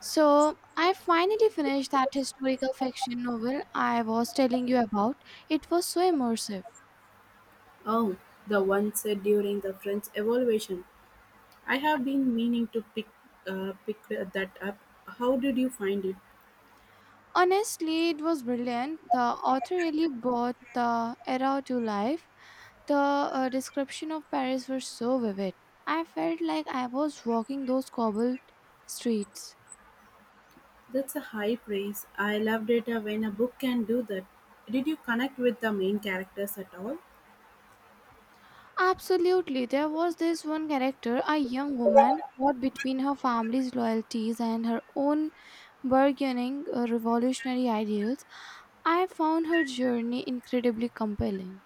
So, I finally finished that historical fiction novel I was telling you about. It was so immersive. Oh, the one said during the French Revolution. I have been meaning to pick pick that up. How did you find it? Honestly, it was brilliant. The author really brought the era to life. The description of Paris was so vivid. I felt like I was walking those cobbled streets. That's a high praise. I loved it when a book can do that. Did you connect with the main characters at all? Absolutely. There was this one character, a young woman caught between her family's loyalties and her own burgeoning revolutionary ideals. I found her journey incredibly compelling.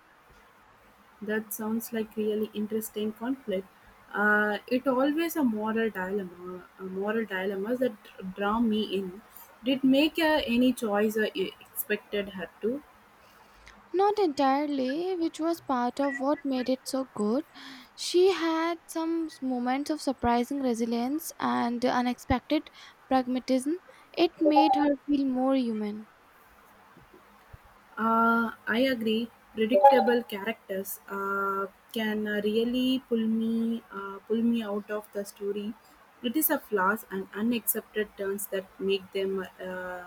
That sounds like really interesting conflict. It always a moral dilemma, a moral dilemmas that draw me in. Did make any choice you expected her to? Not entirely, which was part of what made it so good. She had some moments of surprising resilience and unexpected pragmatism. It made her feel more human. I agree. Predictable characters can really pull me out of the story. It is a flaws and unaccepted turns that make them uh,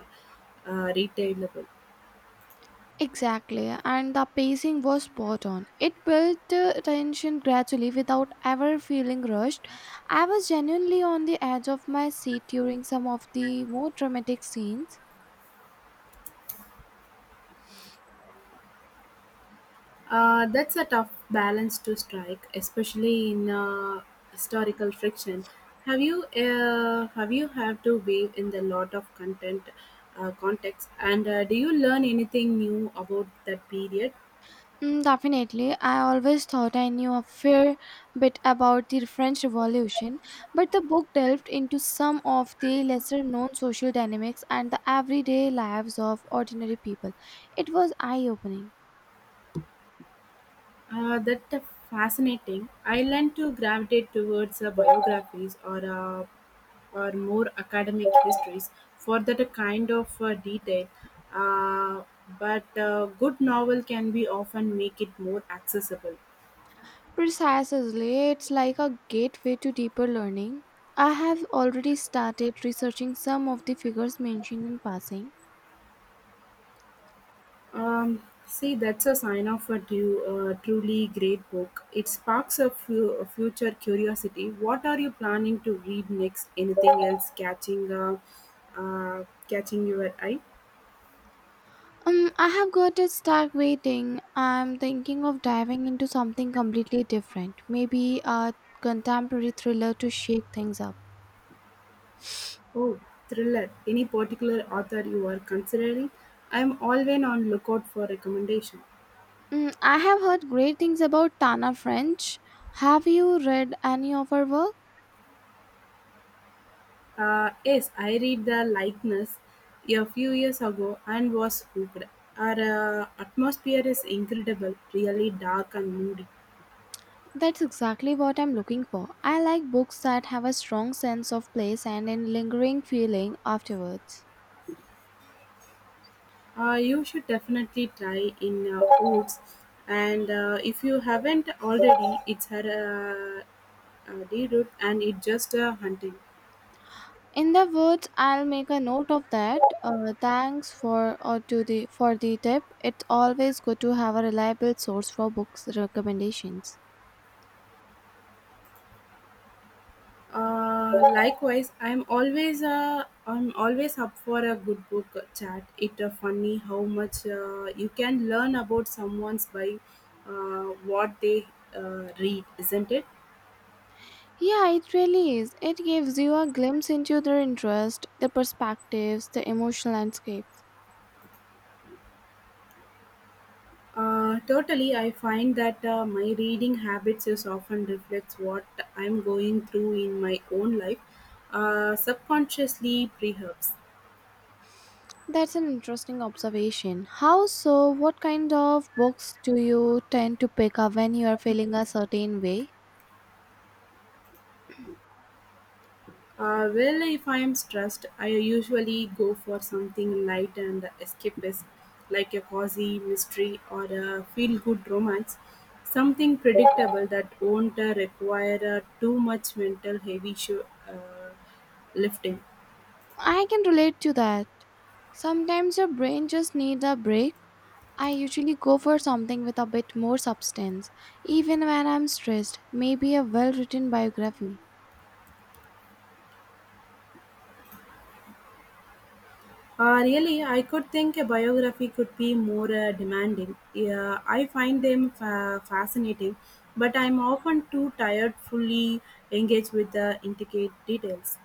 uh, retailable. Exactly, and the pacing was spot on. It built tension gradually without ever feeling rushed. I was genuinely on the edge of my seat during some of the more dramatic scenes. That's a tough balance to strike, especially in historical friction. Have you have you have to weigh in the lot of content context? And do you learn anything new about that period? Mm, definitely, I always thought I knew a fair bit about the French Revolution, but the book delved into some of the lesser known social dynamics and the everyday lives of ordinary people. It was eye opening. That fascinating. I learned to gravitate towards biographies or more academic histories for that kind of detail. Uh, but good novel can be often make it more accessible. Precisely, it's like a gateway to deeper learning. I have already started researching some of the figures mentioned in passing. See, that's a sign of a truly great book. It sparks a, a future curiosity. What are you planning to read next? Anything else catching catching your eye? I have got a stuck waiting. I'm thinking of diving into something completely different, maybe a contemporary thriller to shake things up. Oh, thriller. Any particular author you are considering? I'm always on lookout for recommendation. Mm, I have heard great things about Tana French. Have you read any of her work? Yes, I read The Likeness a few years ago and was hooked. Our atmosphere is incredible, really dark and moody. That's exactly what I'm looking for. I like books that have a strong sense of place and a lingering feeling afterwards. You should definitely try in Woods. And if you haven't already, it's her D and it's just hunting. In the words, I'll make a note of that. Thanks for the tip. It's always good to have a reliable source for books recommendations. Likewise, I'm always up for a good book chat. It's funny how much you can learn about someone's by uh, what they read, isn't it? Yeah, it really is. It gives you a glimpse into their interest, the perspectives, the emotional landscapes. Totally, I find that my reading habits is often reflects what I'm going through in my own life, subconsciously perhaps. That's an interesting observation. How so? What kind of books do you tend to pick up when you are feeling a certain way? Well, if I am stressed, I usually go for something light and escapist, like a cozy mystery or a feel good romance, something predictable that won't require too much mental heavy sho lifting. I can relate to that. Sometimes your brain just needs a break. I usually go for something with a bit more substance, even when I'm stressed, maybe a well written biography. Really, I could think a biography could be more demanding. Yeah, I find them fascinating, but I'm often too tired fully engaged with the intricate details.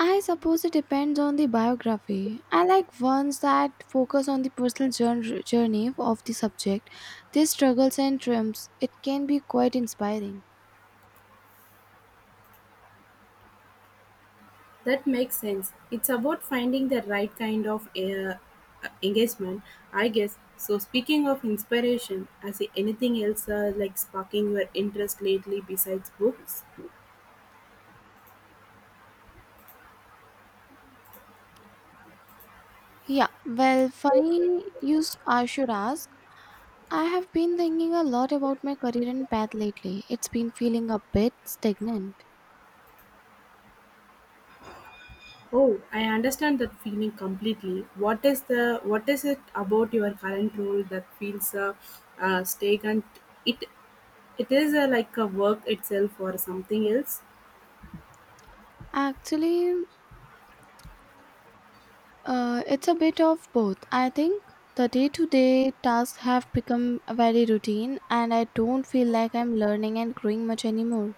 I suppose it depends on the biography. I like ones that focus on the personal journey of the subject, their struggles and triumphs. It can be quite inspiring. That makes sense. It's about finding the right kind of engagement, I guess. So, speaking of inspiration, has anything else like sparking your interest lately besides books? Yeah, well, I should ask. I have been thinking a lot about my career and path lately. It's been feeling a bit stagnant. Oh, I understand that feeling completely. What is it about your current role that feels stagnant? It it is like a work itself or something else? Actually, it's a bit of both. I think the day to day tasks have become very routine, and I don't feel like I'm learning and growing much anymore.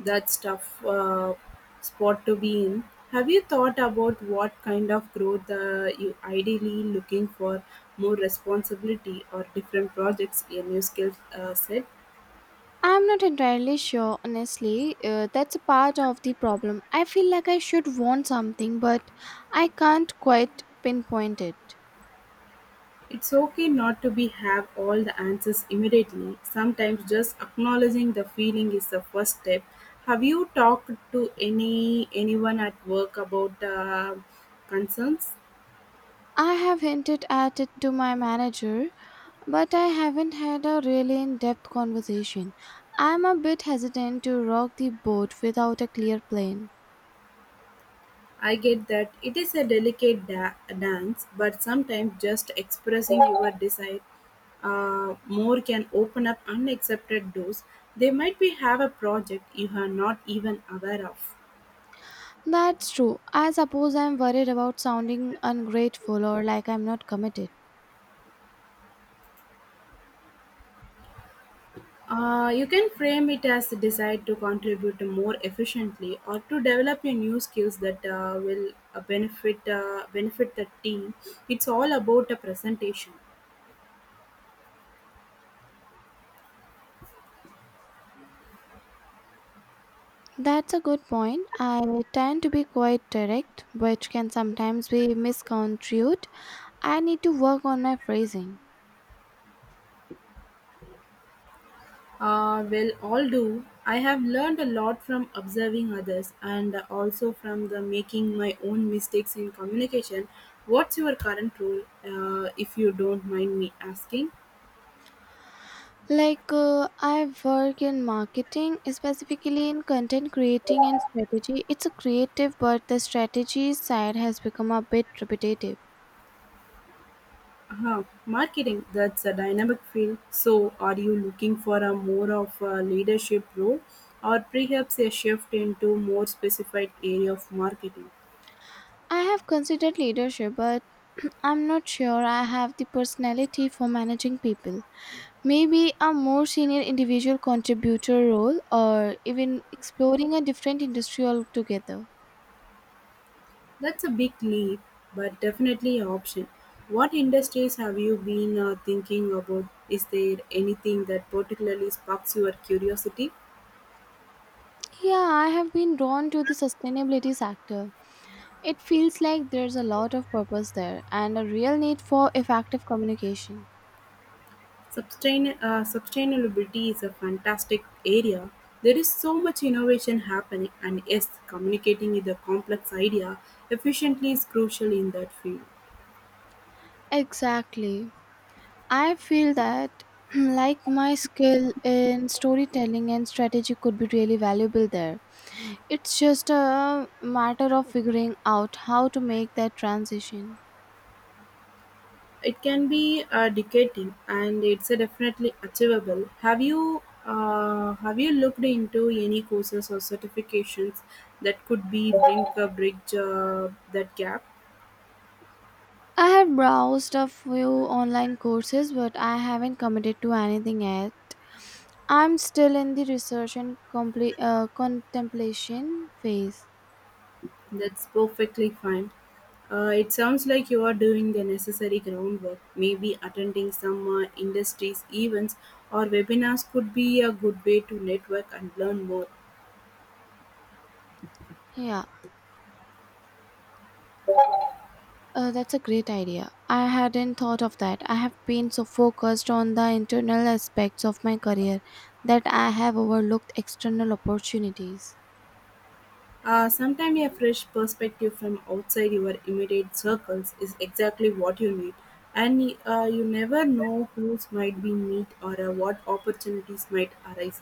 That's tough spot to be in. Have you thought about what kind of growth you ideally looking for? More responsibility or different projects in your skill set? I'm not entirely sure, honestly. That's a part of the problem. I feel like I should want something, but I can't quite pinpoint it. It's okay not to be have all the answers immediately. Sometimes just acknowledging the feeling is the first step. Have you talked to anyone at work about concerns? I have hinted at it to my manager, but I haven't had a really in depth conversation. I'm a bit hesitant to rock the boat without a clear plan. I get that it is a delicate dance, but sometimes just expressing your desire more can open up unaccepted doors. They might be have a project you are not even aware of. That's true. I suppose I'm worried about sounding ungrateful or like I'm not committed. You can frame it as a desire to contribute more efficiently or to develop your new skills that will benefit benefit the team. It's all about a presentation. That's a good point. I tend to be quite direct, which can sometimes be misconstrued. I need to work on my phrasing. Well, all do. I have learned a lot from observing others and also from the making my own mistakes in communication. What's your current role, if you don't mind me asking? I work in marketing, specifically in content creating and strategy. It's a creative, but the strategy side has become a bit repetitive. Uh-huh. Marketing, that's a dynamic field. So, are you looking for a more of a leadership role or perhaps a shift into more specified area of marketing? I have considered leadership, but I'm not sure I have the personality for managing people. Maybe a more senior individual contributor role, or even exploring a different industry altogether. That's a big leap, but definitely an option. What industries have you been thinking about? Is there anything that particularly sparks your curiosity? Yeah, I have been drawn to the sustainability sector. It feels like there's a lot of purpose there and a real need for effective communication. Sustainability is a fantastic area. There is so much innovation happening, and yes, communicating with a complex idea efficiently is crucial in that field. Exactly. I feel that like my skill in storytelling and strategy could be really valuable there. It's just a matter of figuring out how to make that transition. It can be dedicating, and it's definitely achievable. Have you looked into any courses or certifications that could be bring a bridge that gap? I have browsed a few online courses but I haven't committed to anything yet. I'm still in the research and contemplation phase. That's perfectly fine. It sounds like you are doing the necessary groundwork. Maybe attending some industries events or webinars could be a good way to network and learn more. Yeah. That's a great idea. I hadn't thought of that. I have been so focused on the internal aspects of my career that I have overlooked external opportunities. Sometimes a fresh perspective from outside your immediate circles is exactly what you need, and you never know who might be meet or what opportunities might arise.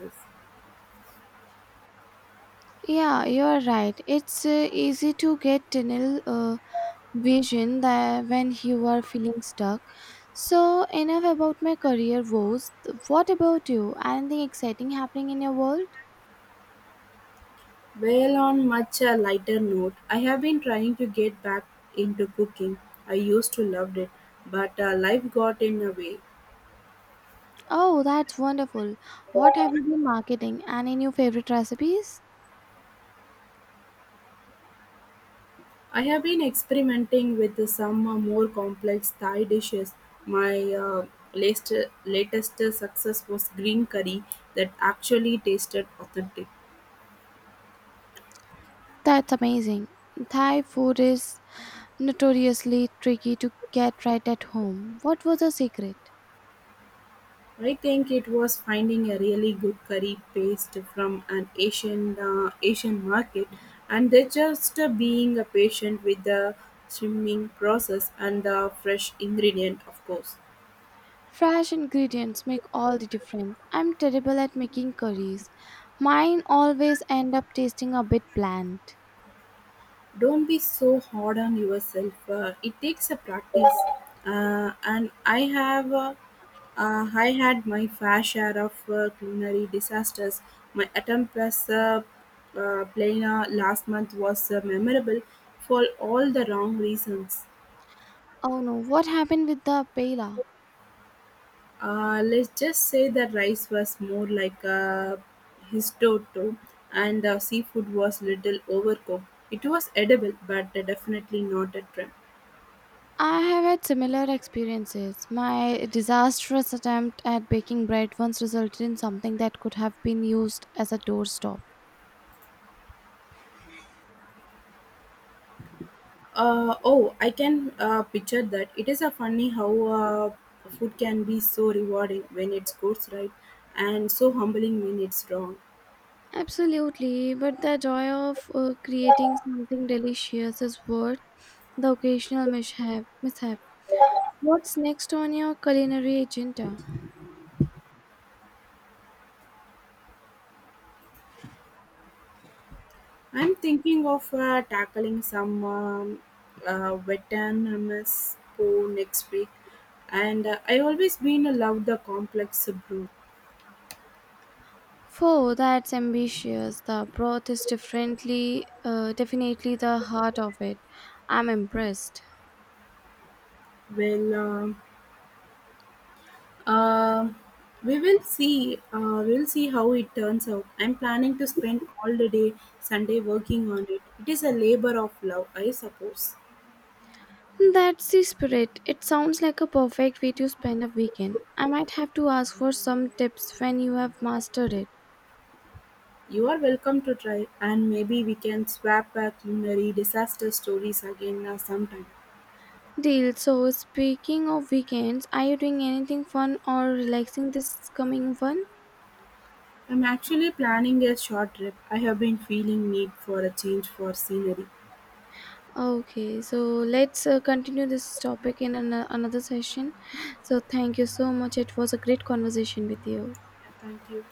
Yeah, you're right. It's easy to get tunnel vision that when you are feeling stuck. So, enough about my career woes. What about you? Anything exciting happening in your world? Well, on much a lighter note, I have been trying to get back into cooking. I used to loved it, but life got in the way. Oh, that's wonderful. What have you been marketing? Any new favorite recipes? I have been experimenting with some more complex Thai dishes. My latest, latest success was green curry that actually tasted authentic. That's amazing. Thai food is notoriously tricky to get right at home. What was the secret? I think it was finding a really good curry paste from an Asian market, and they just being patient with the steaming process and the fresh ingredient, of course. Fresh ingredients make all the difference. I'm terrible at making curries. Mine always end up tasting a bit bland. Don't be so hard on yourself. It takes a practice, and I had my fair share of culinary disasters. My attempt plus plana last month was memorable for all the wrong reasons. Oh no, what happened with the paella? Let's just say the rice was more like a histoto, and the seafood was little overcooked. It was edible, but definitely not a trim. I have had similar experiences. My disastrous attempt at baking bread once resulted in something that could have been used as a doorstop. Oh, I can picture that. It is a funny how food can be so rewarding when it's good, right, and so humbling when it's wrong. Absolutely, but the joy of creating something delicious is worth the occasional mishap. What's next on your culinary agenda? I'm thinking of tackling some Vietnamese po next week, and I always been love the complex brew. Four, that's ambitious. The broth is definitely the heart of it. I'm impressed. Well. Um, we will see. We'll see how it turns out. I'm planning to spend all the day Sunday working on it. It is a labor of love, I suppose. That's the spirit. It sounds like a perfect way to spend a weekend. I might have to ask for some tips when you have mastered it. You are welcome to try, and maybe we can swap our culinary disaster stories again sometime. Deal. So, speaking of weekends, are you doing anything fun or relaxing this coming one? I'm actually planning a short trip. I have been feeling need for a change for scenery. Yeah, Okay, so let's continue this topic in another session. So, thank you so much. It was a great conversation with you. thank you.